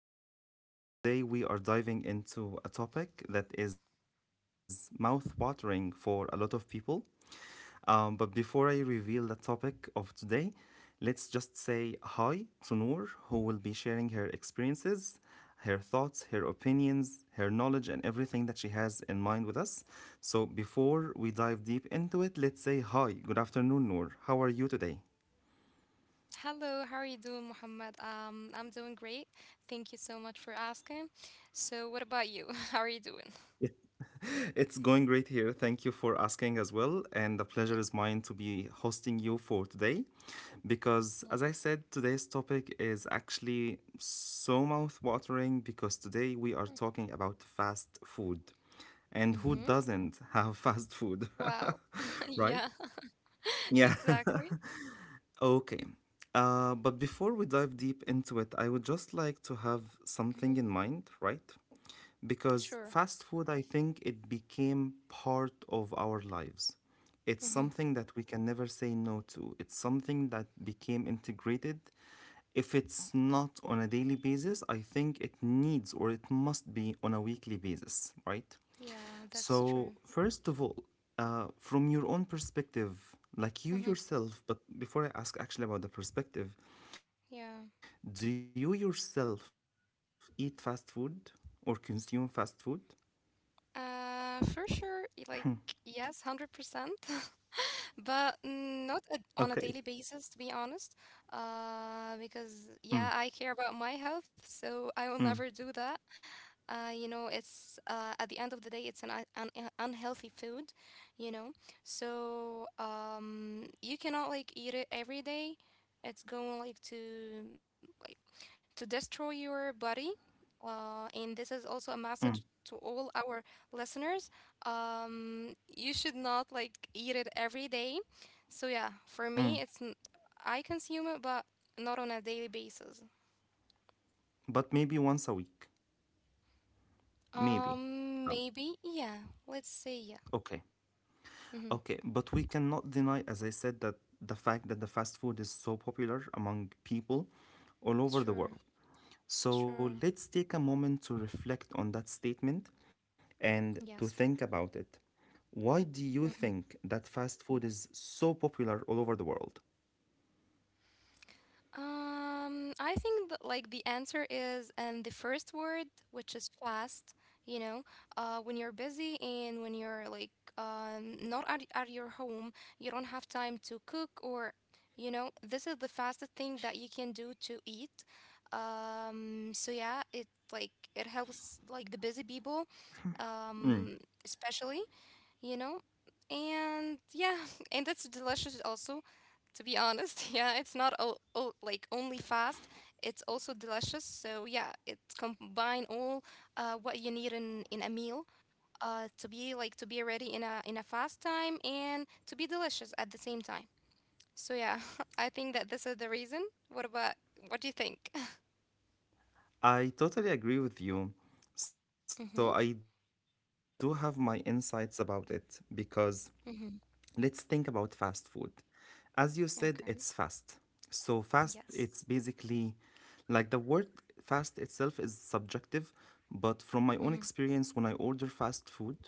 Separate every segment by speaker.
Speaker 1: This is Muhammad, and today we are diving into a topic that is mouth watering for a lot of people. But before I reveal the topic of today, let's just say hi to Noor, who will be sharing her experiences, her thoughts, her opinions, her knowledge, and everything that she has in mind with us. So before we dive deep into it, let's say hi. Good afternoon, Noor. How are you today?
Speaker 2: Hello, how are you doing, Muhammad? I'm doing great. Thank you so much for asking. So, what about you? How are you doing?
Speaker 1: It's going great here. Thank you for asking as well. And the pleasure is mine to be hosting you for today. Because,
Speaker 2: Yeah.
Speaker 1: as I said, today's topic is actually so mouth watering because today we are talking about fast food. And who
Speaker 2: Mm-hmm.
Speaker 1: doesn't have fast food?
Speaker 2: Wow.
Speaker 1: Right?
Speaker 2: Yeah,
Speaker 1: Yeah.
Speaker 2: exactly.
Speaker 1: Okay. But before we dive deep into it, I would just like to have something in mind, right? Because
Speaker 2: Sure.
Speaker 1: fast food, I think it became part of our lives. It's
Speaker 2: Mm-hmm.
Speaker 1: something that we can never say no to. It's something that became integrated. If it's not on a daily basis, I think it needs or it must be on a weekly basis, right?
Speaker 2: Yeah, that's
Speaker 1: So,
Speaker 2: true.
Speaker 1: first of all, from your own perspective, like you
Speaker 2: Mm-hmm.
Speaker 1: yourself, but before I ask actually about the perspective, do you
Speaker 2: Yeah.
Speaker 1: yourself eat fast food or consume fast food?
Speaker 2: For sure, like, yes, 100%, but
Speaker 1: Okay.
Speaker 2: not a, on a daily basis, to be honest.
Speaker 1: Mm,
Speaker 2: Because, yeah, I care about my health,
Speaker 1: mm,
Speaker 2: so I will never do that. You know, it's at the end of the day, it's an, un- un- un- unhealthy food, you know so you cannot like eat it every day. It's going like to destroy your body. Uh, and
Speaker 1: mm,
Speaker 2: this is also a message to all our listeners. You should not like eat it every day. So yeah, for
Speaker 1: mm.
Speaker 2: me, I consume it, but not on a daily basis.
Speaker 1: But maybe once a week. Maybe. Um,
Speaker 2: Maybe, yeah. Let's say yeah.
Speaker 1: okay.
Speaker 2: Mm-hmm.
Speaker 1: Okay. But we cannot deny, as I said, that the fact that the fast food is so popular among people all over the
Speaker 2: Sure,
Speaker 1: world. So
Speaker 2: sure.
Speaker 1: let's take a moment to reflect on that statement and to think
Speaker 2: Yes.
Speaker 1: about it. Why do you think
Speaker 2: hmm
Speaker 1: that fast food is so popular all over the world?
Speaker 2: I think that, like, the answer is and the first word, which is fast, you know, when you're busy and when you're not at, at your home, you don't have time to cook, or, this is the fastest thing that you can do to eat. So yeah, it helps like the busy people,
Speaker 1: Mm,
Speaker 2: um, especially. you know? And yeah, and that's delicious also, to be honest. Yeah, it's not o- o- like only fast, it's also delicious. So yeah, it combine all what you need in a meal to be like to be ready in a fast time and to be delicious at the same time. So yeah, I think that this is the reason. What about what do you think?
Speaker 1: I totally agree with you. So I
Speaker 2: Mm-hmm.
Speaker 1: do have my insights about it because let's think about
Speaker 2: Mm-hmm.
Speaker 1: fast food. As you said, it's fast.
Speaker 2: Okay.
Speaker 1: So fast, it's basically
Speaker 2: Yes.
Speaker 1: like the word fast itself is subjective, but from my own
Speaker 2: Mm-hmm.
Speaker 1: experience, when I order fast food,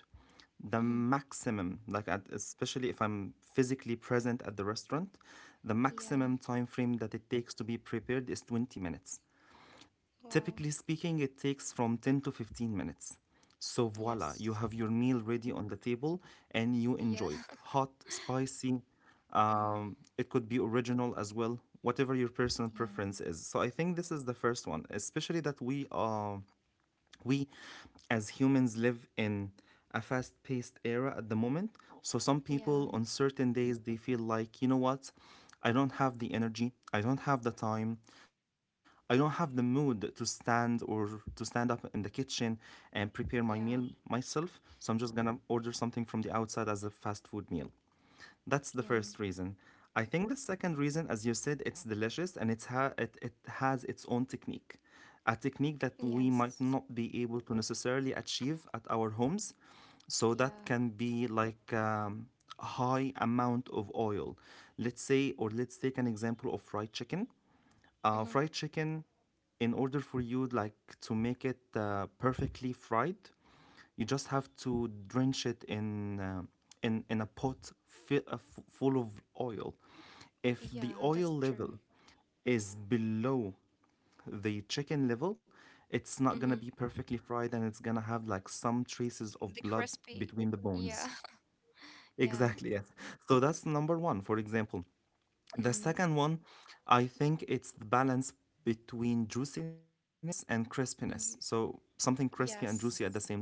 Speaker 1: the
Speaker 2: Mm-hmm.
Speaker 1: maximum especially if I'm physically present at the restaurant, the maximum
Speaker 2: Yeah.
Speaker 1: time frame that it takes to be prepared is 20 minutes.
Speaker 2: Wow.
Speaker 1: Typically speaking, it takes from 10 to 15 minutes, so voila, you
Speaker 2: Yes.
Speaker 1: have your meal ready on the table and you
Speaker 2: Yeah.
Speaker 1: enjoy it hot, spicy.
Speaker 2: Mm-hmm.
Speaker 1: It could be original as well, whatever your personal
Speaker 2: Yeah.
Speaker 1: preference is. So I think this is the first one, especially that we as humans live in a fast paced era at the moment. So some people
Speaker 2: Yeah,
Speaker 1: on certain days they feel like, you know what, I don't have the energy, I don't have the time, I don't have the mood to stand or to stand up in the kitchen and prepare
Speaker 2: yeah,
Speaker 1: my meal myself. So I'm just gonna order something from the outside as a fast food meal. That's the
Speaker 2: yeah,
Speaker 1: first reason. I think the second reason, as you said, it's delicious and it has its own technique, a technique that we
Speaker 2: yes,
Speaker 1: might not be able to necessarily achieve at our homes. So that
Speaker 2: yeah,
Speaker 1: can be like a high amount of oil. Let's say, or let's take an example of fried chicken.
Speaker 2: mm-hmm.
Speaker 1: Fried chicken, in order for you like to make it perfectly fried, you just have to drench it in in a pot full of oil. If the
Speaker 2: Yeah, that's
Speaker 1: oil
Speaker 2: true.
Speaker 1: level is below the chicken level, it's not
Speaker 2: Mm-hmm.
Speaker 1: gonna be perfectly fried and it's gonna have like some traces
Speaker 2: The
Speaker 1: of blood
Speaker 2: crispy,
Speaker 1: between the
Speaker 2: yeah,
Speaker 1: bones.
Speaker 2: yeah,
Speaker 1: Exactly, yes. So that's number one, for example. The
Speaker 2: mm-hmm.
Speaker 1: second one, I think it's the balance between juiciness and crispiness. So something crispy and juicy at the
Speaker 2: Yes,
Speaker 1: same time.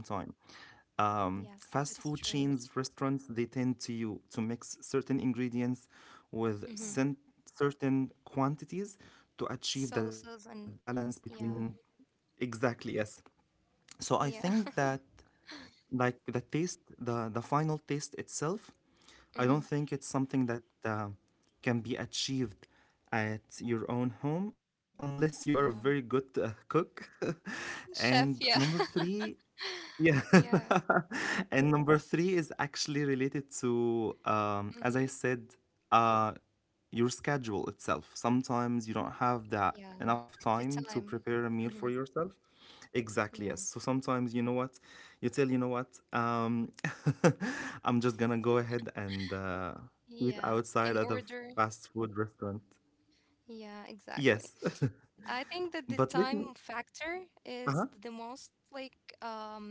Speaker 2: yes,
Speaker 1: Fast food
Speaker 2: that's true.
Speaker 1: chains, restaurants, they tend to mix certain ingredients with
Speaker 2: Mm-hmm.
Speaker 1: certain quantities to achieve that
Speaker 2: Sauces
Speaker 1: balance
Speaker 2: and
Speaker 1: between,
Speaker 2: yeah,
Speaker 1: exactly, yes. So I think
Speaker 2: yeah,
Speaker 1: that like the taste, the final taste itself, I don't
Speaker 2: mm-hmm.
Speaker 1: think it's something that can be achieved at your own home unless you are a very
Speaker 2: Yeah,
Speaker 1: good cook.
Speaker 2: chef,
Speaker 1: And
Speaker 2: yeah,
Speaker 1: number three, yeah.
Speaker 2: yeah,
Speaker 1: And number three is actually related to, as I
Speaker 2: mm-hmm.
Speaker 1: said, uh, your schedule itself. Sometimes you don't have that
Speaker 2: Yeah,
Speaker 1: enough
Speaker 2: the
Speaker 1: time to
Speaker 2: time,
Speaker 1: prepare a meal for
Speaker 2: mm-hmm.
Speaker 1: yourself. Exactly, yes.
Speaker 2: Yeah,
Speaker 1: So sometimes, you know what, you tell, you know what, I'm just gonna go ahead and eat
Speaker 2: yeah,
Speaker 1: outside
Speaker 2: in
Speaker 1: at a
Speaker 2: order,
Speaker 1: fast food restaurant.
Speaker 2: yeah, exactly.
Speaker 1: Yes.
Speaker 2: I think that the
Speaker 1: But let
Speaker 2: time
Speaker 1: me.
Speaker 2: factor is the most like um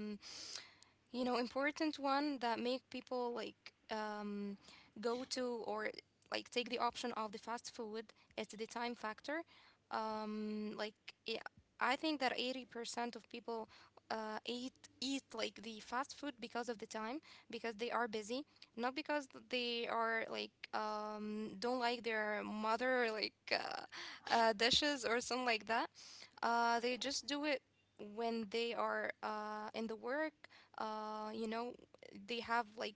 Speaker 2: important one that make people go to, or like take the option of the fast food. It's the time factor. Um like yeah, I think that 80% of people uh eat like the fast food because of the time, because they are busy, not because they are don't like their mother dishes or something like that. They just do it when they are in the work. You know, they have like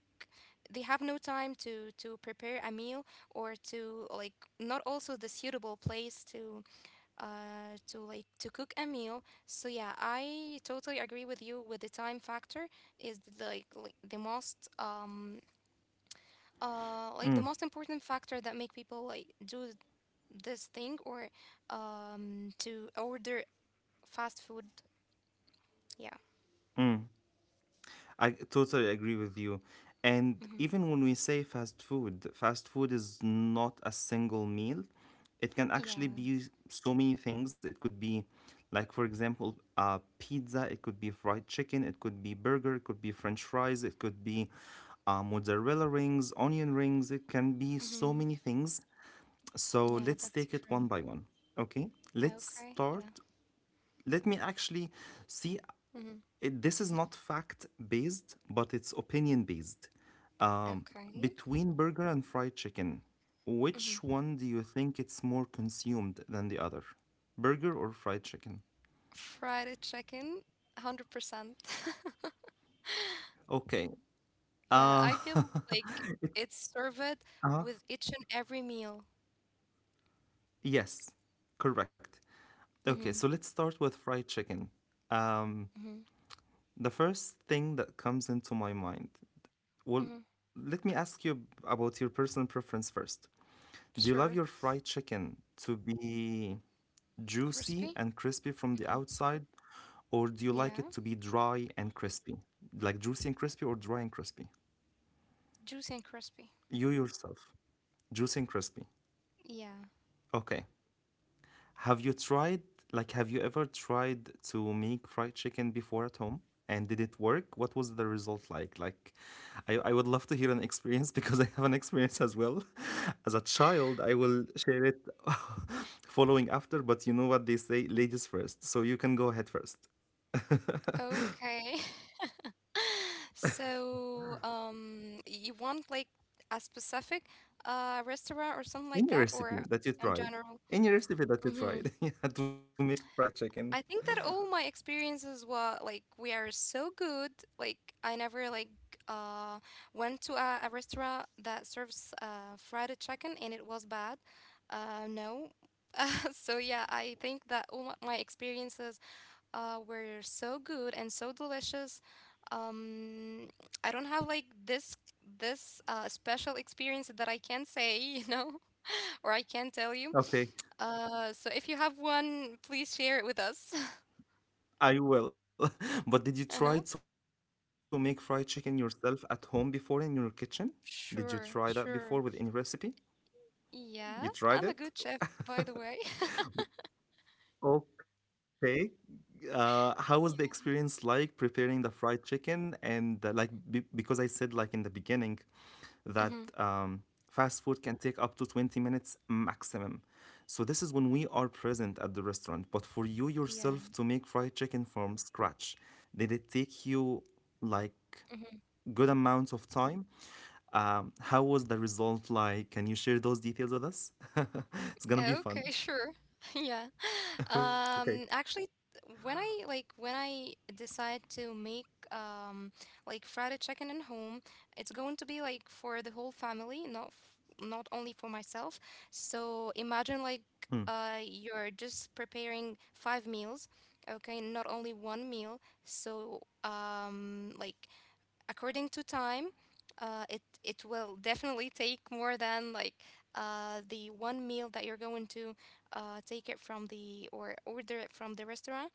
Speaker 2: they have no time to prepare a meal, or to like not also the suitable place to to cook a meal. So yeah, I totally agree with you with the time factor is the,
Speaker 1: Mm,
Speaker 2: like the most important factor that make people do this thing, or to order fast food, yeah.
Speaker 1: mm. I totally agree with you. And
Speaker 2: hmm
Speaker 1: even when we say fast food is not a single meal. It can actually
Speaker 2: Yeah.
Speaker 1: be so many things. It could be, like, for example, pizza, it could be fried chicken, it could be burger, it could be french fries, it could be mozzarella rings, onion rings. It can be so
Speaker 2: hmm
Speaker 1: many things. So
Speaker 2: Yeah,
Speaker 1: let's
Speaker 2: that's
Speaker 1: take it
Speaker 2: true.
Speaker 1: one by one. Okay, let's
Speaker 2: Okay.
Speaker 1: start.
Speaker 2: Yeah.
Speaker 1: Let me actually see
Speaker 2: hmm
Speaker 1: it, this is not fact based, but it's opinion based. Um,
Speaker 2: Okay.
Speaker 1: between burger and fried chicken,
Speaker 2: hmm
Speaker 1: which one do you think it's more consumed than the other? Burger or fried chicken?
Speaker 2: Fried chicken, 100%.
Speaker 1: Okay.
Speaker 2: Yeah,
Speaker 1: Uh,
Speaker 2: I feel like
Speaker 1: it's
Speaker 2: it's served
Speaker 1: uh
Speaker 2: with each and every meal.
Speaker 1: yes, correct. Okay,
Speaker 2: hmm
Speaker 1: so let's start with fried chicken.
Speaker 2: hmm
Speaker 1: Um, the first thing that comes into my mind. Well, let
Speaker 2: hmm
Speaker 1: me ask you about your personal preference first. Do you love your fried
Speaker 2: Sure.
Speaker 1: chicken to be juicy and
Speaker 2: Crispy?
Speaker 1: crispy from the
Speaker 2: hmm
Speaker 1: outside, or do you like it to
Speaker 2: Yeah.
Speaker 1: be dry and crispy? Like juicy and crispy or dry and crispy?
Speaker 2: Juicy and crispy.
Speaker 1: You yourself, juicy and crispy.
Speaker 2: Yeah.
Speaker 1: Okay. Have you tried, like, have you ever tried to make fried chicken before at home? And did it work? What was the result like? Like, I would love to hear an experience because I have an experience as well. As a child, I will share it following after, but you know what they say, ladies first. So you can go ahead first.
Speaker 2: Okay. So, you want like a specific restaurant or something like
Speaker 1: Any
Speaker 2: that,
Speaker 1: recipe
Speaker 2: or
Speaker 1: that you
Speaker 2: in
Speaker 1: tried,
Speaker 2: general?
Speaker 1: any recipe that you
Speaker 2: Mm-hmm.
Speaker 1: tried, yeah, to make fried chicken.
Speaker 2: I think that all my experiences were like we are so good. Like, I never uh went to a restaurant that serves fried chicken and it was bad. No. So yeah, I think that all my experiences were so good and so delicious. Um, I don't have like this special experience that I can say, you know, or I can tell you.
Speaker 1: Okay.
Speaker 2: So if you have one, please share it with us.
Speaker 1: I will. But did you try
Speaker 2: Uh-huh.
Speaker 1: to make fried chicken yourself at home before in your kitchen? Did you try that before with any
Speaker 2: Sure,
Speaker 1: recipe?
Speaker 2: sure.
Speaker 1: You tried it?
Speaker 2: Yeah, I'm a good chef, by the way.
Speaker 1: Okay. How was the experience like
Speaker 2: Yeah.
Speaker 1: preparing the fried chicken? And like, be because I said like in the beginning, that
Speaker 2: hmm
Speaker 1: fast food can take up to 20 minutes maximum. So, this is when we are present at the restaurant. But for you
Speaker 2: Yeah.
Speaker 1: yourself to make fried chicken from scratch, did it take you like good amount of time? How was the result like? Can you share those details with us? It's
Speaker 2: Oh,
Speaker 1: gonna be
Speaker 2: okay,
Speaker 1: fun.
Speaker 2: sure. Yeah.
Speaker 1: Okay.
Speaker 2: Actually, when I decide to make um like fried chicken at home, it's going to be like for the whole family, not only for myself. So imagine
Speaker 1: Hmm.
Speaker 2: you're just preparing five meals, okay, not only one meal. So according to time, it will definitely take more than the one meal that you're going to take it from the or order it from the restaurant.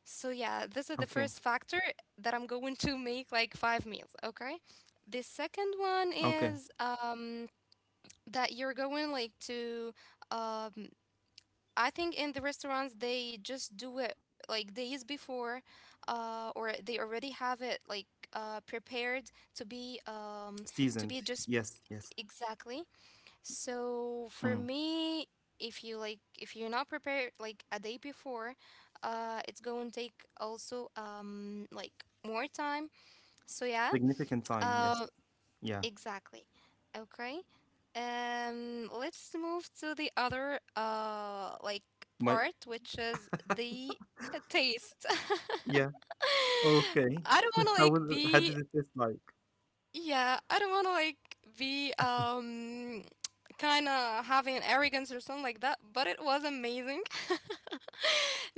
Speaker 2: So yeah, this is the
Speaker 1: Okay.
Speaker 2: first factor, that I'm going to make like five meals. Okay. The second one
Speaker 1: Okay.
Speaker 2: is that you're going to um, I think in the restaurants they just do it like days before, or they already have it like prepared to be um, to
Speaker 1: Seasoned.
Speaker 2: be just
Speaker 1: Yes. Yes.
Speaker 2: exactly. So for
Speaker 1: Mm.
Speaker 2: me, if you're not prepared like a day before, it's going to take also like more time. So yeah,
Speaker 1: Significant time. Yes.
Speaker 2: um,
Speaker 1: Yeah.
Speaker 2: exactly. Okay. Let's move to the other
Speaker 1: My.
Speaker 2: part, which is the taste.
Speaker 1: Yeah. Okay.
Speaker 2: I don't want to
Speaker 1: How was
Speaker 2: like
Speaker 1: it? How
Speaker 2: be
Speaker 1: did it taste like?
Speaker 2: Yeah, I don't want to be kind of having an arrogance or something like that, but it was amazing.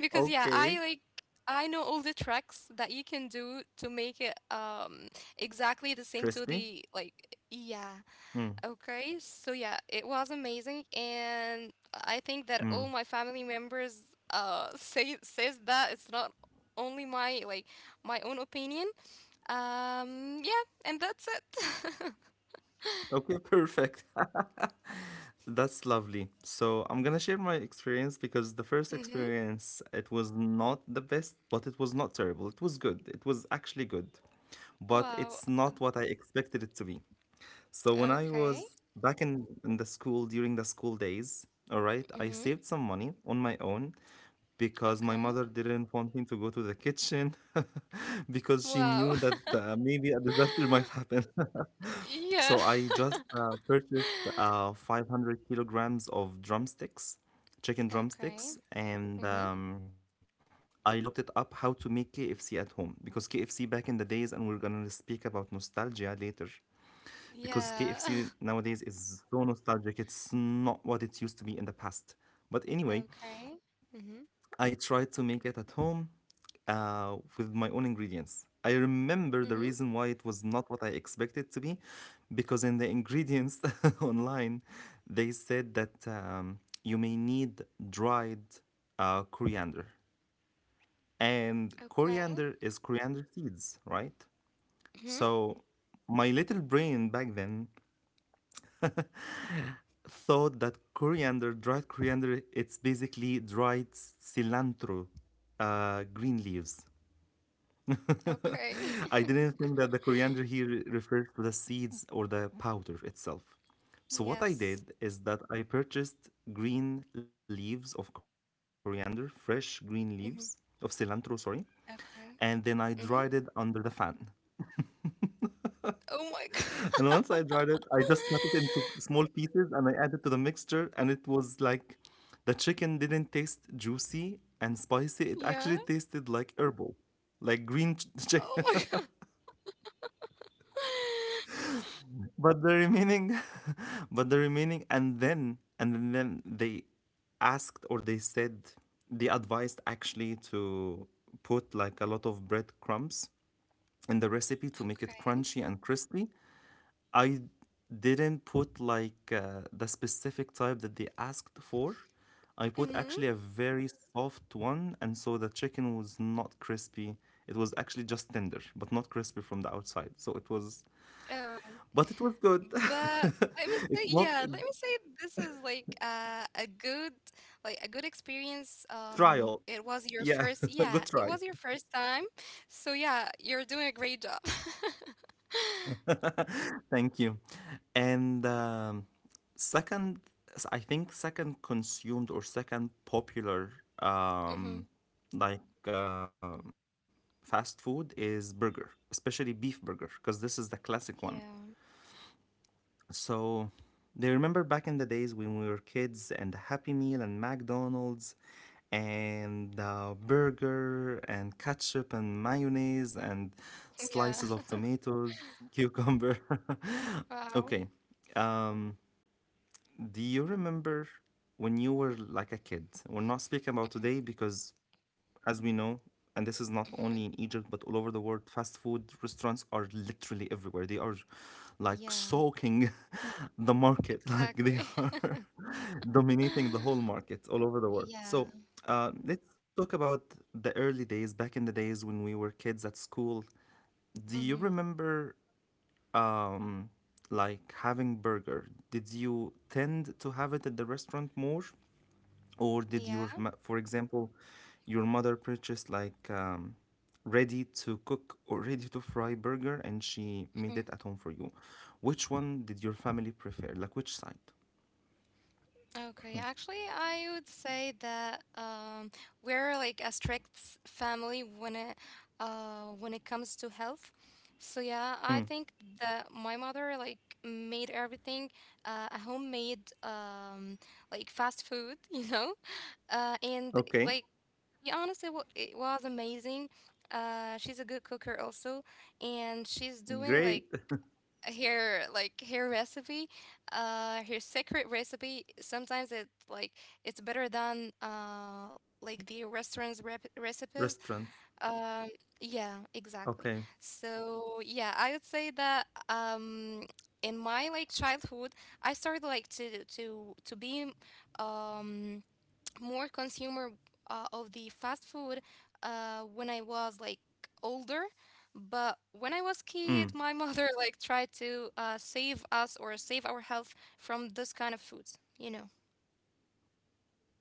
Speaker 2: Because yeah,
Speaker 1: Okay.
Speaker 2: I know all the tricks that you can do to make it exactly the same to
Speaker 1: Crispy?
Speaker 2: the like yeah.
Speaker 1: Mm,
Speaker 2: Okay, so yeah, it was amazing, and I think
Speaker 1: mm.
Speaker 2: that all my family members says that it's not only my own opinion. Yeah, and that's it.
Speaker 1: Okay, perfect. That's lovely. So I'm gonna share my experience because the first
Speaker 2: Mm-hmm.
Speaker 1: experience, it was not the best, but it was not terrible. It was good. It was actually good, but
Speaker 2: Wow.
Speaker 1: it's not what I expected it to be. So when I
Speaker 2: Okay.
Speaker 1: was back in the school during the school days, all right, I
Speaker 2: Mm-hmm.
Speaker 1: saved some money on my own because my
Speaker 2: Okay.
Speaker 1: mother didn't want me to go to the kitchen because she
Speaker 2: Wow.
Speaker 1: knew that maybe a disaster might happen.
Speaker 2: Yeah.
Speaker 1: So I just purchased 500 kilograms of drumsticks, chicken
Speaker 2: Okay.
Speaker 1: drumsticks, and
Speaker 2: Mm-hmm.
Speaker 1: I looked it up how to make KFC at home, because KFC back in the days, and we're gonna speak about nostalgia later, because
Speaker 2: Yeah.
Speaker 1: KFC nowadays is so nostalgic. It's not what it used to be in the past. But anyway,
Speaker 2: Okay. Mm-hmm.
Speaker 1: I tried to make it at home with my own ingredients. I remember
Speaker 2: Mm-hmm.
Speaker 1: the reason why it was not what I expected to be, because in the ingredients online, they said that you may need dried coriander. And
Speaker 2: Okay.
Speaker 1: coriander is coriander seeds, right?
Speaker 2: Mm-hmm.
Speaker 1: So my little brain back then thought that coriander, dried coriander, it's basically dried cilantro, green leaves.
Speaker 2: Okay.
Speaker 1: I didn't think that the coriander here refers to the seeds or the powder itself. So, what I
Speaker 2: Yes.
Speaker 1: did is that I purchased green leaves of coriander, fresh green leaves of cilantro,
Speaker 2: Mhm.
Speaker 1: sorry, and then
Speaker 2: Okay.
Speaker 1: I dried it
Speaker 2: Mhm.
Speaker 1: under the fan.
Speaker 2: Oh my god.
Speaker 1: And once I dried it, I just cut it into small pieces and I added to the mixture, and it was like the chicken didn't taste juicy and spicy, it actually
Speaker 2: Yeah.
Speaker 1: tasted like herbal, like green
Speaker 2: Oh
Speaker 1: chicken.
Speaker 2: my god.
Speaker 1: But the remaining, but the remaining, and then and then they asked, or they said, they advised actually to put like a lot of breadcrumbs in the recipe to make it
Speaker 2: Okay.
Speaker 1: crunchy and crispy. I didn't put like the specific type that they asked for. I put actually
Speaker 2: Mhm.
Speaker 1: a very soft one, and so the chicken was not crispy. It was actually just tender, but not crispy from the outside. So it was
Speaker 2: Oh,
Speaker 1: but it was good.
Speaker 2: but let me say,
Speaker 1: It's
Speaker 2: yeah,
Speaker 1: not
Speaker 2: let me
Speaker 1: a
Speaker 2: say this is a good, like a good experience.
Speaker 1: trial.
Speaker 2: It was your
Speaker 1: Yeah,
Speaker 2: first,
Speaker 1: good
Speaker 2: yeah,
Speaker 1: try.
Speaker 2: it was your first time, so yeah, you're doing a great job.
Speaker 1: Thank you. And Second, I think second consumed or second popular um,
Speaker 2: Mhm.
Speaker 1: like fast food is burger, especially beef burger, because this is the classic one.
Speaker 2: Yeah.
Speaker 1: So they remember back in the days when we were kids and the Happy Meal and McDonald's and burger and ketchup and mayonnaise and
Speaker 2: Yeah.
Speaker 1: slices of tomatoes, cucumber.
Speaker 2: Wow.
Speaker 1: Okay. Um, do you remember when you were like a kid? We're not speaking about
Speaker 2: Mhm.
Speaker 1: today because, as we know, and this is not only in
Speaker 2: Mhm.
Speaker 1: Egypt but all over the world, fast food restaurants are literally everywhere. They are like
Speaker 2: Yeah.
Speaker 1: soaking the market, like they
Speaker 2: Exactly.
Speaker 1: are dominating the whole market all over the world.
Speaker 2: Yeah.
Speaker 1: So, let's talk about the early days, back in the days when we were kids at school. Do you
Speaker 2: Mhm.
Speaker 1: remember um, like having burger, did you tend to have it at the restaurant more, or did
Speaker 2: Yeah.
Speaker 1: your, for example, your mother purchased like ready to cook or ready to fry burger and she
Speaker 2: Mhm.
Speaker 1: made it at home for you? Which one did your family prefer? Like which side?
Speaker 2: Okay. Actually, I would say that we're like a strict family when it comes to health. So yeah, I
Speaker 1: Mm.
Speaker 2: think that my mother like made everything a homemade like fast food, you know, and
Speaker 1: Okay,
Speaker 2: like, to be honest, it was amazing. She's a good cooker also, and she's doing like
Speaker 1: great
Speaker 2: her recipe, her secret recipe. Sometimes it's better than like the restaurants rep
Speaker 1: restaurant.
Speaker 2: recipes. um yeah,
Speaker 1: Okay.
Speaker 2: exactly. So yeah, I would say that um in my childhood, I started to be um more consumer of the fast food when I was like
Speaker 1: Mm.
Speaker 2: older. But when I was kid, my mother like tried to save us or save our health from this kind of foods, you know.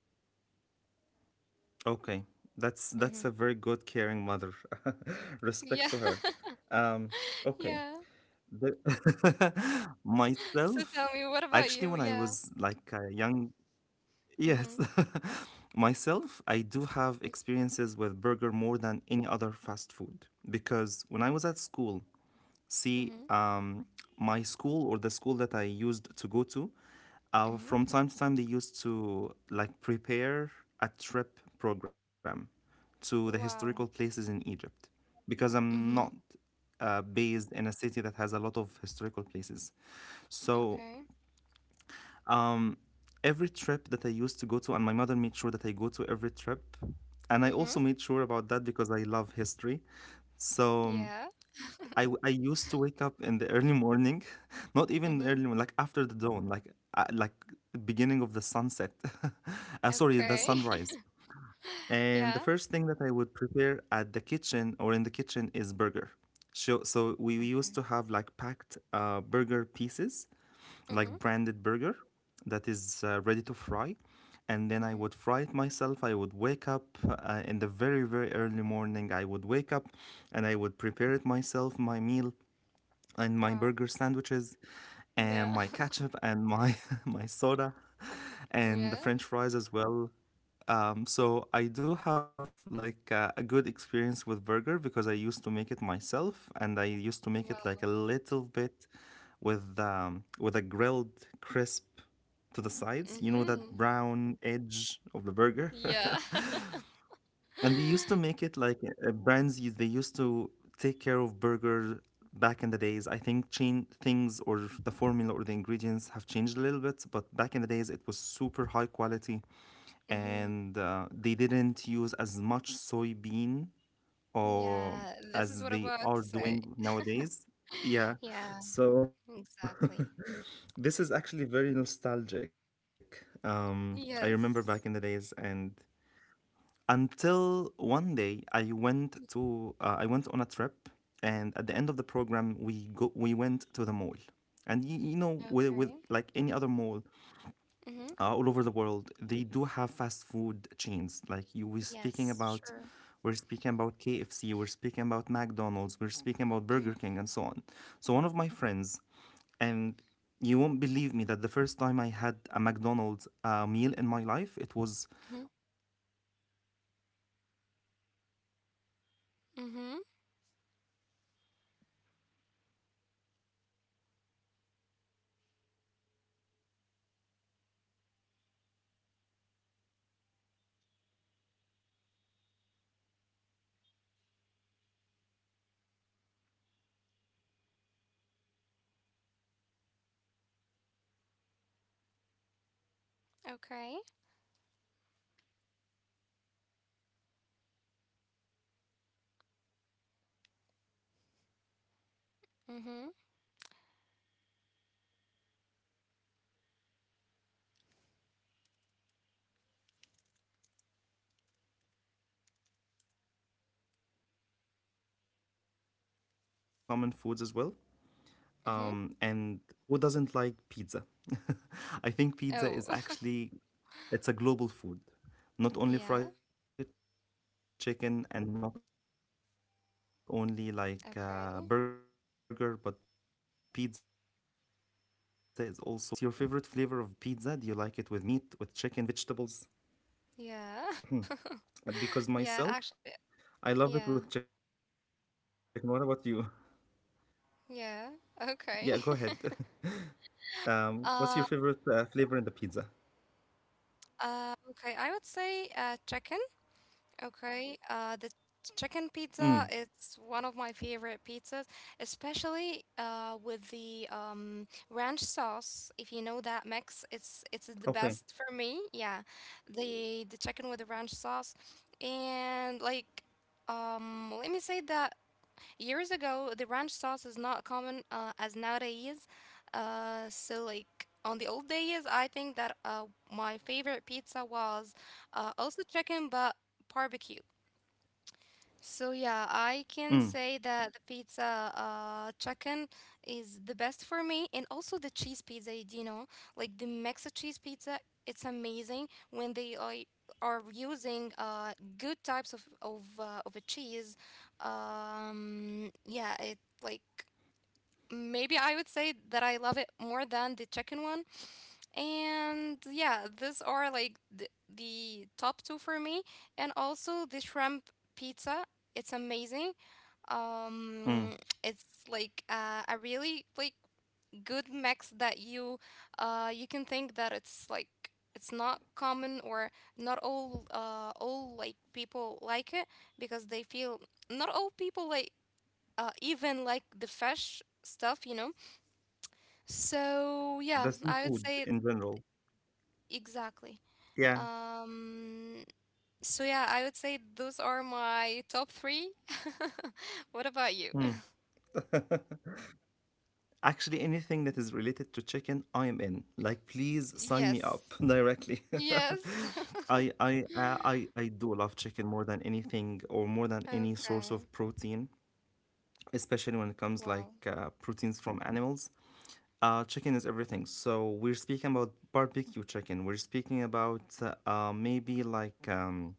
Speaker 1: Okay, that's a very good, caring mother.
Speaker 2: hmm
Speaker 1: Respect to her.
Speaker 2: Yeah,
Speaker 1: Um, okay, the
Speaker 2: yeah.
Speaker 1: myself, actually,
Speaker 2: So
Speaker 1: when I
Speaker 2: tell me, what
Speaker 1: was
Speaker 2: about
Speaker 1: like
Speaker 2: you?
Speaker 1: a
Speaker 2: Yeah.
Speaker 1: young, yes,
Speaker 2: Mm-hmm.
Speaker 1: myself, I do have experiences with burger more than any other fast food because when I was at school, see,
Speaker 2: Mm-hmm.
Speaker 1: my school or the school that I used to go to,
Speaker 2: Mm-hmm.
Speaker 1: from time to time they used to like prepare a trip program to the
Speaker 2: Wow.
Speaker 1: historical places in Egypt because
Speaker 2: Mm-hmm.
Speaker 1: I'm not based in a city that has a lot of historical places. So
Speaker 2: Okay.
Speaker 1: um, every trip that I used to go to, and my mother made sure that I go to every trip, and I
Speaker 2: Mm-hmm.
Speaker 1: also made sure about that because I love history. So
Speaker 2: Yeah.
Speaker 1: um, I used to wake up in the early morning, not even the
Speaker 2: Mm-hmm.
Speaker 1: early, like after the dawn, like beginning of the sunset. Sorry, the
Speaker 2: Okay.
Speaker 1: sunrise. And the
Speaker 2: Yeah.
Speaker 1: first thing that I would prepare at the kitchen or in the kitchen is burger. So, so we
Speaker 2: Okay.
Speaker 1: used to have like packed burger pieces,
Speaker 2: Mm-hmm.
Speaker 1: like branded burger that is ready to fry. And then I
Speaker 2: Mm-hmm.
Speaker 1: would fry it myself. I would wake up in the very, very early morning. I would wake up and I would prepare it myself, my meal and my
Speaker 2: Wow.
Speaker 1: burger sandwiches and
Speaker 2: Yeah.
Speaker 1: my ketchup and my my soda and the
Speaker 2: Yeah.
Speaker 1: french fries as well. So I do have like a good experience with burger because I used to make it myself and I used to make
Speaker 2: Wow.
Speaker 1: it like a little bit with a grilled crisp to the sides, you know, that
Speaker 2: Mm-hmm.
Speaker 1: brown edge of the burger.
Speaker 2: Yeah.
Speaker 1: And they used to make it like brands. They used to take care of burger back in the days. I think change things or the formula or the ingredients have changed a little bit, but back in the days it was super high quality,
Speaker 2: Mm-hmm.
Speaker 1: and they didn't use as much soybean or
Speaker 2: Yeah, this is what
Speaker 1: as
Speaker 2: I'm
Speaker 1: they
Speaker 2: about to
Speaker 1: are
Speaker 2: say.
Speaker 1: doing nowadays. Yeah,
Speaker 2: Yeah,
Speaker 1: so
Speaker 2: exactly.
Speaker 1: this is actually very nostalgic. I remember back in the
Speaker 2: Yes.
Speaker 1: days and until one day I went to I went on a trip, and at the end of the program we went to the mall, and you know,
Speaker 2: Okay.
Speaker 1: with like any other mall
Speaker 2: Mm-hmm.
Speaker 1: all over the world they do have fast food chains like you were speaking
Speaker 2: Yes,
Speaker 1: about.
Speaker 2: sure.
Speaker 1: We're speaking about KFC, we're speaking about McDonald's, we're speaking about
Speaker 2: Mm-hmm.
Speaker 1: Burger King, and so on. So, one of my friends and you won't believe me that the first time I had a McDonald's meal in my life, it was when I was and when I was at the university. It was I was very
Speaker 2: Mm-hmm.
Speaker 1: back,
Speaker 2: Mm-hmm.
Speaker 1: I was very behind, um, and it tasted amazing. So yeah, I think burger is something that that plays a huge part as well. And ever since like to be honest, I
Speaker 2: Okay.
Speaker 1: do not eat burger as much as I used to eat it before in the past. Um, so yeah,
Speaker 2: Mm-hmm.
Speaker 1: moving from burger, um, I would like to talk about pizza because pizza is actually one of the like most common foods as well.
Speaker 2: Mm-hmm.
Speaker 1: And who doesn't like pizza? I think pizza
Speaker 2: Oh.
Speaker 1: is actually it's a global food. Not only
Speaker 2: Yeah.
Speaker 1: fried chicken and not only like burger, but pizza is also very common all over the
Speaker 2: Okay.
Speaker 1: world. Let me ask you about your favorite flavor of pizza. Do you like it with meat, with chicken, vegetables?
Speaker 2: Yeah.
Speaker 1: Because myself,
Speaker 2: Yeah, actually,
Speaker 1: I love it with chicken.
Speaker 2: yeah.
Speaker 1: What about you? Yeah, go ahead.
Speaker 2: Yeah. Okay.
Speaker 1: What's your favorite flavor in the pizza?
Speaker 2: Uh, okay. I would say chicken. Okay, the
Speaker 1: Mm,
Speaker 2: chicken pizza, it's one of my favorite pizzas, especially with the ranch sauce. If you know that mix, it's
Speaker 1: okay.
Speaker 2: the best for me. Yeah, the chicken with the ranch sauce, and like let me say that years ago, the ranch sauce is not common as nowadays. So, like, on the old days, I think that my favorite pizza was also chicken, but barbecue. So yeah,
Speaker 1: Mm,
Speaker 2: I can say that the pizza chicken is the best for me, and also the cheese pizza, you know, like the Mexican cheese pizza. It's amazing when they are using good types of of a cheese. Yeah, it like maybe I would say that I love it more than the chicken one. And yeah, these are like the top two for me. And also the shrimp pizza, it's amazing. Um,
Speaker 1: mm.
Speaker 2: it's a really like good mix that you can think that it's not common, or not all all like people like it, because they feel not all people even like the fish stuff, you know. So yeah,
Speaker 1: The
Speaker 2: I would say
Speaker 1: seafood in general.
Speaker 2: exactly.
Speaker 1: Yeah.
Speaker 2: Um, so yeah, I would say those are my top three. What about you?
Speaker 1: Actually, anything that is related to chicken, I am in. Like, please sign me
Speaker 2: Yes.
Speaker 1: up directly.
Speaker 2: Yes.
Speaker 1: I I do love chicken more than anything or more than any source
Speaker 2: Okay.
Speaker 1: of protein, especially when it
Speaker 2: Wow.
Speaker 1: comes like proteins from animals. Chicken is everything. So we're speaking about barbecue chicken. We're speaking about maybe like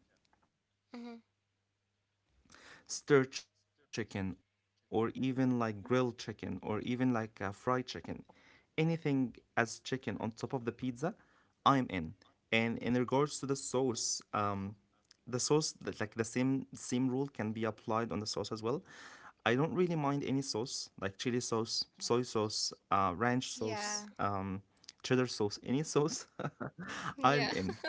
Speaker 2: hmm
Speaker 1: stir chicken or even like grilled chicken or even like a fried chicken, anything. As chicken on top of the pizza, I'm in. And in regards to the sauce, the sauce that like the same rule can be applied on the sauce as well. I don't really mind any sauce like chili sauce, soy sauce, ranch sauce, cheddar
Speaker 2: Yeah.
Speaker 1: sauce, any sauce. I'm in.
Speaker 2: Yeah.
Speaker 1: um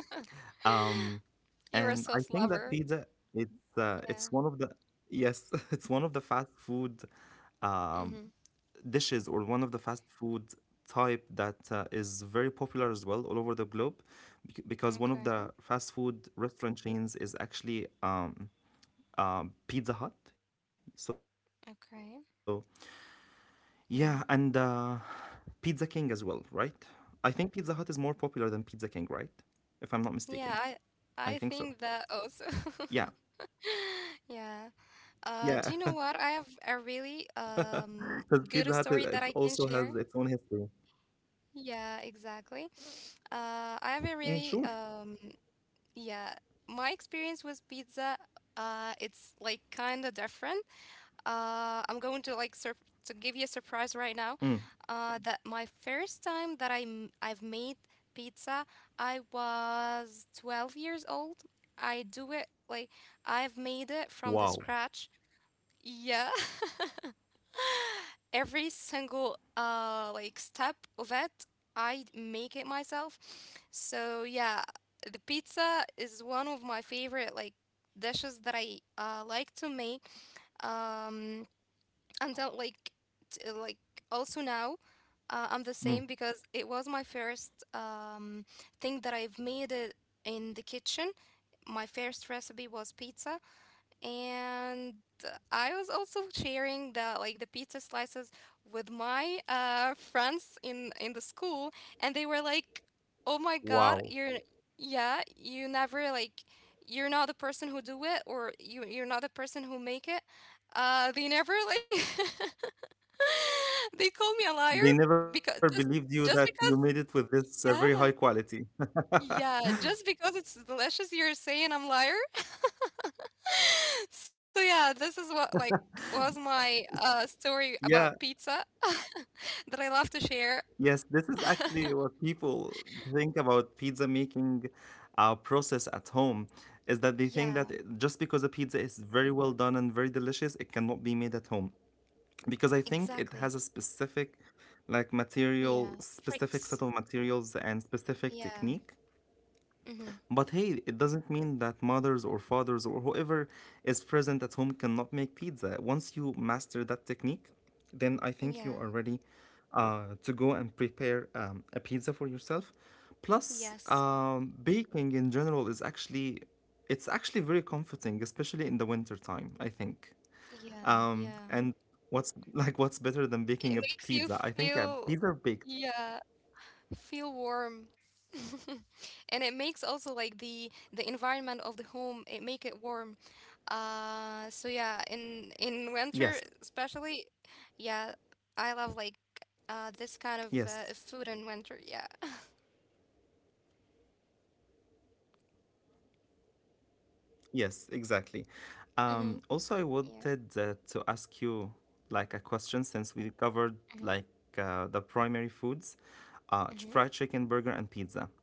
Speaker 1: and I think that
Speaker 2: You're a
Speaker 1: pizza
Speaker 2: sauce lover.
Speaker 1: it's one of the
Speaker 2: Yeah.
Speaker 1: yes, it's one of the fast food um,
Speaker 2: Mm-hmm.
Speaker 1: dishes or one of the fast food type that is very popular as well all over the globe because one of the
Speaker 2: Okay.
Speaker 1: fast food restaurant chains is actually Pizza Hut. So
Speaker 2: Okay. Yeah.
Speaker 1: yeah, and Pizza King as well, right? I think Pizza Hut is more popular than Pizza King, right? If I'm not
Speaker 2: Yeah,
Speaker 1: mistaken.
Speaker 2: I
Speaker 1: I
Speaker 2: think
Speaker 1: think so.
Speaker 2: that also.
Speaker 1: Yeah.
Speaker 2: Yeah. Do you know what?
Speaker 1: Yeah,
Speaker 2: I have a really
Speaker 1: because Pizza Hut, it's also
Speaker 2: good
Speaker 1: has its
Speaker 2: story
Speaker 1: own
Speaker 2: that I can
Speaker 1: history.
Speaker 2: share. Yeah, exactly.
Speaker 1: Mm, sure.
Speaker 2: I haven't really, yeah, my experience with pizza, it's like kind of different. I'm going to like sur to give you a surprise
Speaker 1: Mm.
Speaker 2: right now. That my first time that I've made pizza, I was 12 years old. I do it like I've made it from the
Speaker 1: Wow.
Speaker 2: scratch. Yeah. Every single like step of it, I make it myself. So yeah, the pizza is one of my favorite like dishes that I like to make. Um, and like like also now. I'm the same
Speaker 1: Mm.
Speaker 2: because it was my first thing that I've made it in the kitchen. My first recipe was pizza, and I was also sharing the like the pizza slices with my friends in the school, and they were like, "Oh my God,
Speaker 1: Wow.
Speaker 2: you're yeah, you never like." You're not the person who do it, or you're not the person who make it. They never like they call me a liar
Speaker 1: They never
Speaker 2: because just
Speaker 1: believed you
Speaker 2: just
Speaker 1: that
Speaker 2: because
Speaker 1: you made it with this, very
Speaker 2: yeah
Speaker 1: high quality.
Speaker 2: yeah, just because it's delicious, you're saying I'm liar? So yeah, this is what like was my story about
Speaker 1: Yeah.
Speaker 2: pizza that I love to share.
Speaker 1: Yes, this is actually what people think about pizza making, process at home, is that they think that
Speaker 2: Yeah,
Speaker 1: just because a pizza is very well done and very delicious, it cannot be made at home. Because I think
Speaker 2: exactly.
Speaker 1: it has a specific like material,
Speaker 2: Yeah,
Speaker 1: specific set
Speaker 2: tricks.
Speaker 1: of materials and specific
Speaker 2: Yeah.
Speaker 1: technique.
Speaker 2: Mm-hmm.
Speaker 1: But hey, it doesn't mean that mothers or fathers or whoever is present at home cannot make pizza. Once you master that technique, then I think you
Speaker 2: Yeah.
Speaker 1: are ready to go and prepare a pizza for yourself. Plus
Speaker 2: Yes.
Speaker 1: baking in general is actually it's actually very comforting, especially in the winter time, I think.
Speaker 2: Yeah, yeah.
Speaker 1: And what's like what's better than
Speaker 2: It
Speaker 1: baking a
Speaker 2: makes you
Speaker 1: pizza? I think yeah,
Speaker 2: feel
Speaker 1: pizza baked.
Speaker 2: yeah, feel warm. And it makes also like the environment of the home, it make it warm. So yeah, in
Speaker 1: Yes,
Speaker 2: winter especially, yeah,
Speaker 1: yes,
Speaker 2: I love like this kind of food in winter. Yeah,
Speaker 1: yes, exactly. Also, I wanted to
Speaker 2: mm-hmm.
Speaker 1: ask you
Speaker 2: Yeah,
Speaker 1: like a question since we covered like the primary
Speaker 2: mm-hmm.
Speaker 1: foods, fried chicken, burger, and pizza.
Speaker 2: Mm-hmm.
Speaker 1: Um,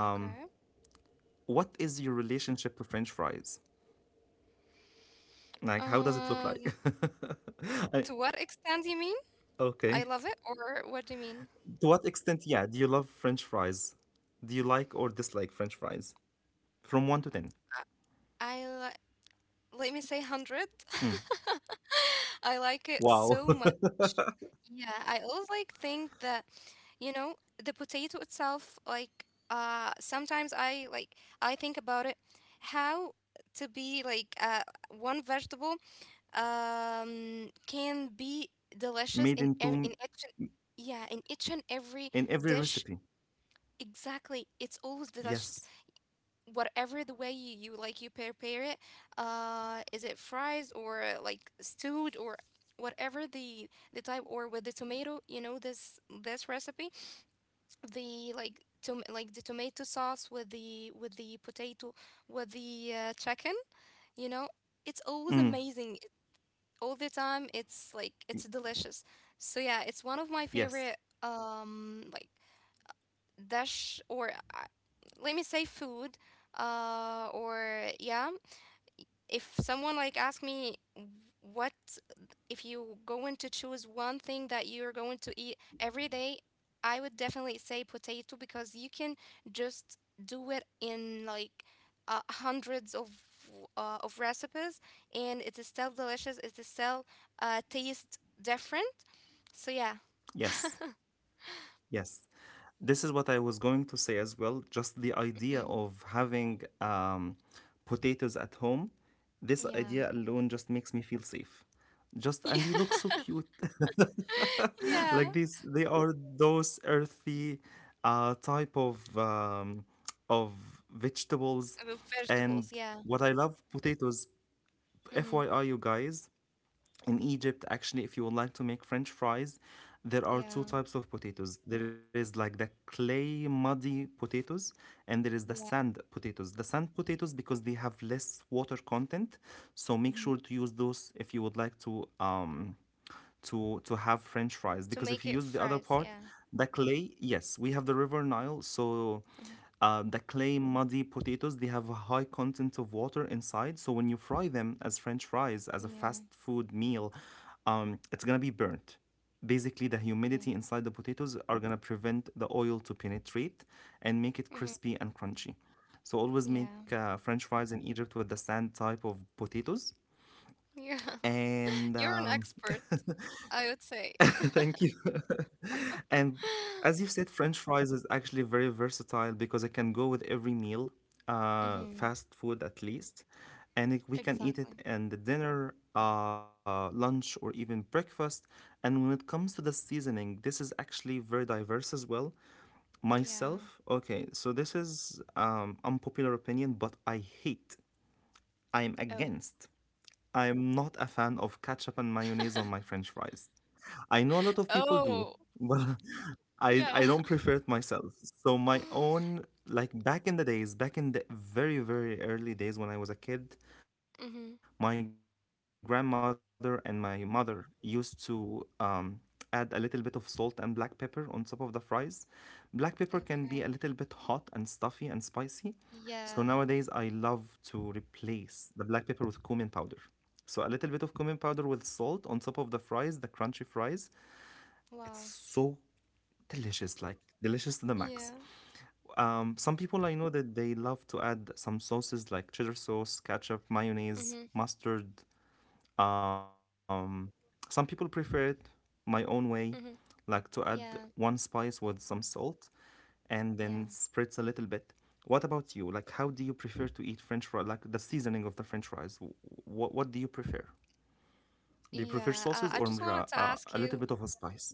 Speaker 2: Okay.
Speaker 1: what is your relationship to French fries? Like, how does it look like?
Speaker 2: Um,
Speaker 1: I,
Speaker 2: to what extent do you mean?
Speaker 1: okay.
Speaker 2: I love it, or what do you
Speaker 1: To
Speaker 2: mean?
Speaker 1: what extent, yeah, do you love French fries? Do you like or dislike French fries? From 1 to 10.
Speaker 2: I I li let me say 100. I like it
Speaker 1: Wow.
Speaker 2: so much. Yeah, I always like think that, you know, the potato itself, like sometimes I like I think about it how to be like one vegetable can be
Speaker 1: Made
Speaker 2: delicious
Speaker 1: in
Speaker 2: in
Speaker 1: two
Speaker 2: in each and, yeah, in each and every
Speaker 1: in every
Speaker 2: dish.
Speaker 1: recipe.
Speaker 2: Exactly. It's always delicious
Speaker 1: Yes.
Speaker 2: whatever the way you, you like you prepare it is it fries or like stewed or whatever the type or with the tomato, you know, this recipe the like to like the tomato sauce with the potato with the chicken, you know, it's always
Speaker 1: Mm.
Speaker 2: amazing all the time, it's like it's
Speaker 1: y-
Speaker 2: delicious. So yeah, it's one of my favorite
Speaker 1: Yes.
Speaker 2: like dish or uh, let me say food or yeah, if someone like asked me what if you going to choose one thing that you're going to eat every day, I would definitely say potato because you can just do it in like hundreds of recipes, and it is still delicious, it is still taste different. So yeah.
Speaker 1: Yes. Yes, this is what I was going to say as well. Just the idea
Speaker 2: Mhm.
Speaker 1: of having potatoes at home, this
Speaker 2: Yeah.
Speaker 1: idea alone just makes me feel safe. Just and they look so cute.
Speaker 2: Yeah, yeah,
Speaker 1: Like these, they are those earthy type of vegetables.
Speaker 2: with
Speaker 1: And
Speaker 2: vegetables, yeah.
Speaker 1: what I love potatoes,
Speaker 2: Hmm.
Speaker 1: FYI, you guys, in Egypt, actually, if you would like to make French fries, there are two
Speaker 2: Yeah,
Speaker 1: types of potatoes. There is like the clay muddy potatoes, and there is the
Speaker 2: yeah.
Speaker 1: sand potatoes. The sand potatoes because they have less water content, so make
Speaker 2: Mhm.
Speaker 1: sure to use those if you would like to have French fries
Speaker 2: To
Speaker 1: because if
Speaker 2: make
Speaker 1: you
Speaker 2: it
Speaker 1: use the other
Speaker 2: fresh,
Speaker 1: part,
Speaker 2: yeah.
Speaker 1: the clay, yes, we have the River Nile, so
Speaker 2: Hmm.
Speaker 1: the clay muddy potatoes they have a high content of water inside. So when you fry them as French fries as a
Speaker 2: Yeah.
Speaker 1: fast food meal, it's gonna be burnt. Basically, the
Speaker 2: Yeah.
Speaker 1: humidity inside the potatoes are gonna prevent the oil to penetrate and make it
Speaker 2: Hmm.
Speaker 1: crispy and crunchy. So always make
Speaker 2: Yeah.
Speaker 1: French fries in Egypt with the sand type of potatoes.
Speaker 2: Yeah.
Speaker 1: And
Speaker 2: You're an expert, I would say.
Speaker 1: thank you. And as you've said, French fries is actually very versatile because it can go with every meal,
Speaker 2: Hmm.
Speaker 1: fast food at least. And we can eat it
Speaker 2: Exactly.
Speaker 1: in the dinner, lunch, or even breakfast. And when it comes to the seasoning, this is actually very diverse as well.
Speaker 2: Yeah.
Speaker 1: Myself, okay, so this is unpopular opinion, but I hate, I'm
Speaker 2: Oh.
Speaker 1: against I am not a fan of ketchup and mayonnaise on my French fries. I know a lot of people
Speaker 2: Oh.
Speaker 1: do, but I
Speaker 2: Yeah.
Speaker 1: I don't prefer it myself. So my own like back in the days, back in the very early days when I was a kid, my
Speaker 2: Hmm.
Speaker 1: grandmother and my mother used to add a little bit of salt and black pepper on top of the fries. Black pepper can be a little bit hot and
Speaker 2: Okay.
Speaker 1: stuffy and spicy. So nowadays I
Speaker 2: Yeah.
Speaker 1: love to replace the black pepper with cumin powder. So a little bit of cumin powder with salt on top of the fries, the crunchy fries. It's
Speaker 2: Wow.
Speaker 1: so delicious, like delicious to the max.
Speaker 2: Yeah.
Speaker 1: Some people I know that they love to add some sauces like cheddar sauce, ketchup,
Speaker 2: Hmm.
Speaker 1: mayonnaise, mustard. Um, some people prefer it my own way,
Speaker 2: Hmm.
Speaker 1: like to add one
Speaker 2: Yeah.
Speaker 1: spice with some salt and then spreads a
Speaker 2: Yeah.
Speaker 1: little bit. What about you? Like, how do you prefer to eat French fries? Like the seasoning of the French fries. What do you prefer? Do you prefer
Speaker 2: Yeah.
Speaker 1: sauces
Speaker 2: I
Speaker 1: or
Speaker 2: just wanted to ask
Speaker 1: a little
Speaker 2: you.
Speaker 1: bit of a spice?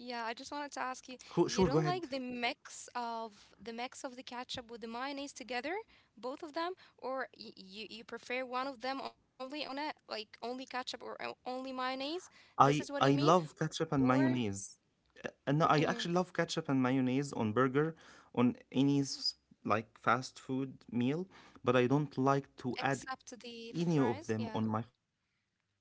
Speaker 2: Yeah, I just wanted to ask you, you
Speaker 1: Sure, go
Speaker 2: don't like
Speaker 1: ahead.
Speaker 2: the mix of the ketchup with the mayonnaise together, both of them, or y you prefer one of them only on it, like only ketchup or only mayonnaise? This is what
Speaker 1: I
Speaker 2: you mean?
Speaker 1: I love ketchup
Speaker 2: Or
Speaker 1: and mayonnaise. No, I
Speaker 2: mhm,
Speaker 1: actually love ketchup and mayonnaise on burger, on like fast food meal, but I don't like to add
Speaker 2: except
Speaker 1: any
Speaker 2: the
Speaker 1: of them on
Speaker 2: fries?
Speaker 1: my
Speaker 2: Yeah.
Speaker 1: French fries.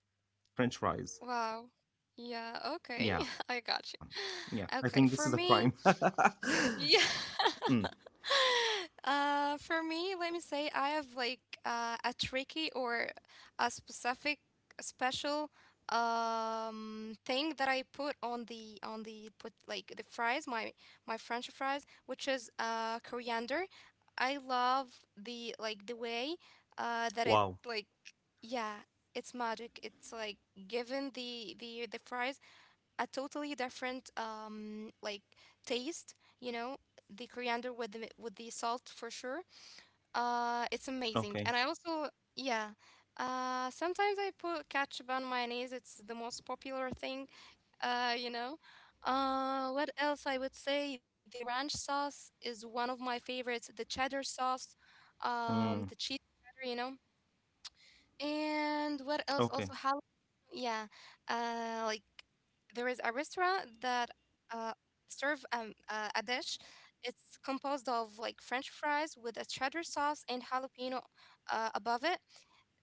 Speaker 1: Yeah, yeah.
Speaker 2: Wow.
Speaker 1: So I do
Speaker 2: Yeah,
Speaker 1: eat
Speaker 2: okay.
Speaker 1: ketchup and
Speaker 2: I
Speaker 1: mayonnaise,
Speaker 2: got
Speaker 1: but not on
Speaker 2: you.
Speaker 1: fries.
Speaker 2: Okay,
Speaker 1: I
Speaker 2: for
Speaker 1: think this is a
Speaker 2: me,
Speaker 1: crime.
Speaker 2: yeah.
Speaker 1: Mm,
Speaker 2: For me, let me say I have like a tricky or a specific special thing that I put on the put like the fries, my French fries, which is coriander. I love the like the way
Speaker 1: wow.
Speaker 2: that it like yeah, it's magic. It's like given the fries a totally different like taste. You know, the coriander with the salt for sure. It's amazing, and
Speaker 1: Okay.
Speaker 2: I also yeah. Sometimes I put ketchup on mayonnaise. It's the most popular thing. You know. What else I would say? The ranch sauce is one of my favorites. The cheddar sauce,
Speaker 1: Mm,
Speaker 2: the cheese cheddar, you know. And what
Speaker 1: okay.
Speaker 2: else? Also, how? Yeah, like there is a restaurant that uh, serve a dish. It's composed of like French fries with a cheddar sauce and jalapeno above it.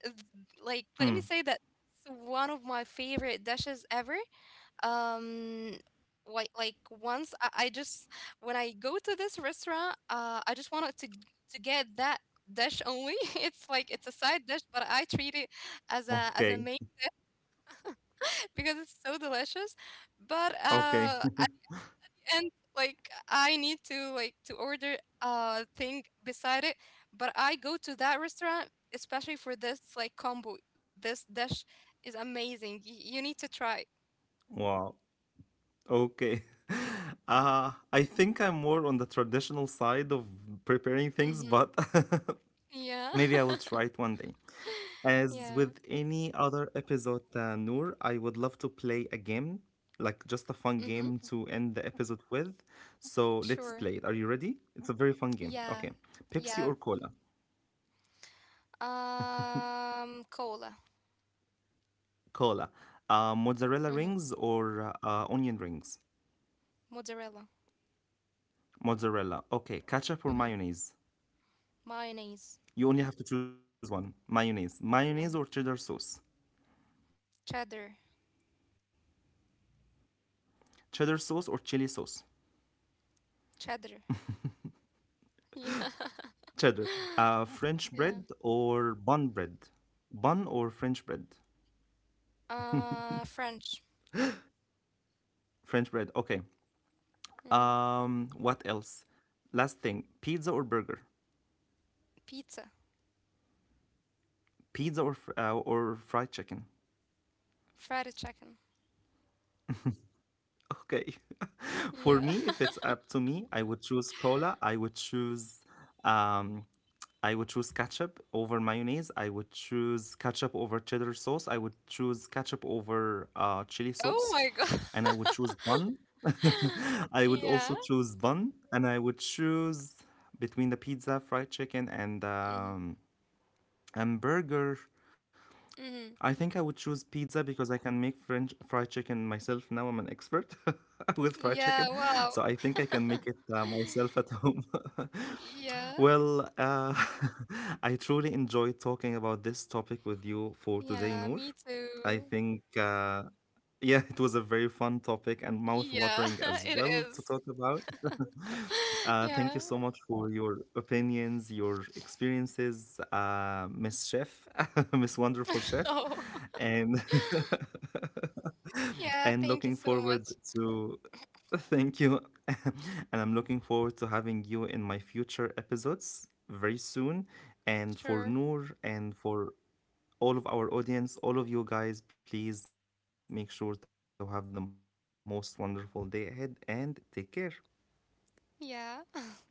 Speaker 2: Th- Like, let me
Speaker 1: Mm,
Speaker 2: say that it's one of my favorite dishes ever, um like once I just when I go to this restaurant, I just wanted to to get that dish only. It's like it's a side dish but I treat it
Speaker 1: okay.
Speaker 2: as a main because it's so delicious.
Speaker 1: Okay.
Speaker 2: But at the end, like I need to like to order a thing beside it, but I go to that restaurant especially for this like combo. This dish is amazing. You need to try.
Speaker 1: Wow. Okay. I think I'm more on the traditional side of preparing things,
Speaker 2: Mm-hmm.
Speaker 1: but
Speaker 2: Yeah.
Speaker 1: maybe I will try it one day. As
Speaker 2: Yeah.
Speaker 1: with any other episode, Noor, I would love to play a game, like just a
Speaker 2: Mm-hmm.
Speaker 1: fun game to end the episode with. So let's
Speaker 2: Sure.
Speaker 1: play it. Are you ready? It's a very fun game.
Speaker 2: Yeah.
Speaker 1: Okay.
Speaker 2: Yeah.
Speaker 1: Pepsi or cola?
Speaker 2: Cola.
Speaker 1: Cola. Mozzarella
Speaker 2: Mm-hmm.
Speaker 1: rings or onion rings?
Speaker 2: Mozzarella.
Speaker 1: Mozzarella. Okay. Ketchup or
Speaker 2: Mm-hmm.
Speaker 1: mayonnaise?
Speaker 2: Mayonnaise.
Speaker 1: You only have to choose one mayonnaise.
Speaker 2: Yeah.
Speaker 1: Mayonnaise or cheddar sauce?
Speaker 2: Cheddar.
Speaker 1: Cheddar sauce or chili sauce?
Speaker 2: Cheddar. Yeah.
Speaker 1: Cheddar. French
Speaker 2: Yeah.
Speaker 1: bread or bun bread? Bun or French bread?
Speaker 2: French.
Speaker 1: French bread. Okay.
Speaker 2: Mm-hmm.
Speaker 1: What else? Last thing, pizza or burger?
Speaker 2: Pizza.
Speaker 1: Pizza or or fried chicken?
Speaker 2: Fried chicken.
Speaker 1: Okay. For me,
Speaker 2: Yeah.
Speaker 1: if it's up to me, I would choose cola. Um I would choose ketchup over mayonnaise. I would choose ketchup over cheddar sauce. I would choose ketchup over chili
Speaker 2: Oh
Speaker 1: sauce.
Speaker 2: my God.
Speaker 1: And I would choose bun. I would also
Speaker 2: Yeah.
Speaker 1: choose bun and I would choose between the pizza, fried chicken and
Speaker 2: Mm-hmm.
Speaker 1: hamburger. I
Speaker 2: Mm-hmm.
Speaker 1: think I would choose pizza because I can make French fried chicken myself now. I'm an expert with fried
Speaker 2: Yeah,
Speaker 1: chicken,
Speaker 2: wow.
Speaker 1: so I think I can make it myself at home.
Speaker 2: Yeah.
Speaker 1: Well, I truly enjoyed talking about this topic with you for today,
Speaker 2: Yeah,
Speaker 1: Noor.
Speaker 2: me
Speaker 1: I
Speaker 2: too.
Speaker 1: think yeah, it was a very fun topic and
Speaker 2: Yeah,
Speaker 1: mouth-watering as
Speaker 2: it
Speaker 1: well to talk
Speaker 2: is.
Speaker 1: about. Thank you so
Speaker 2: Yeah.
Speaker 1: much for your opinions, your experiences, Miss Chef, Miss Wonderful Chef,
Speaker 2: Oh,
Speaker 1: and
Speaker 2: yeah.
Speaker 1: and
Speaker 2: Thank
Speaker 1: looking
Speaker 2: you so
Speaker 1: forward
Speaker 2: much.
Speaker 1: to thank you, and I'm looking forward to having you in my future episodes very soon, and for
Speaker 2: Sure.
Speaker 1: Noor and for all of our audience, all of you guys, please make sure to have the most wonderful day ahead and take care.
Speaker 2: Yeah.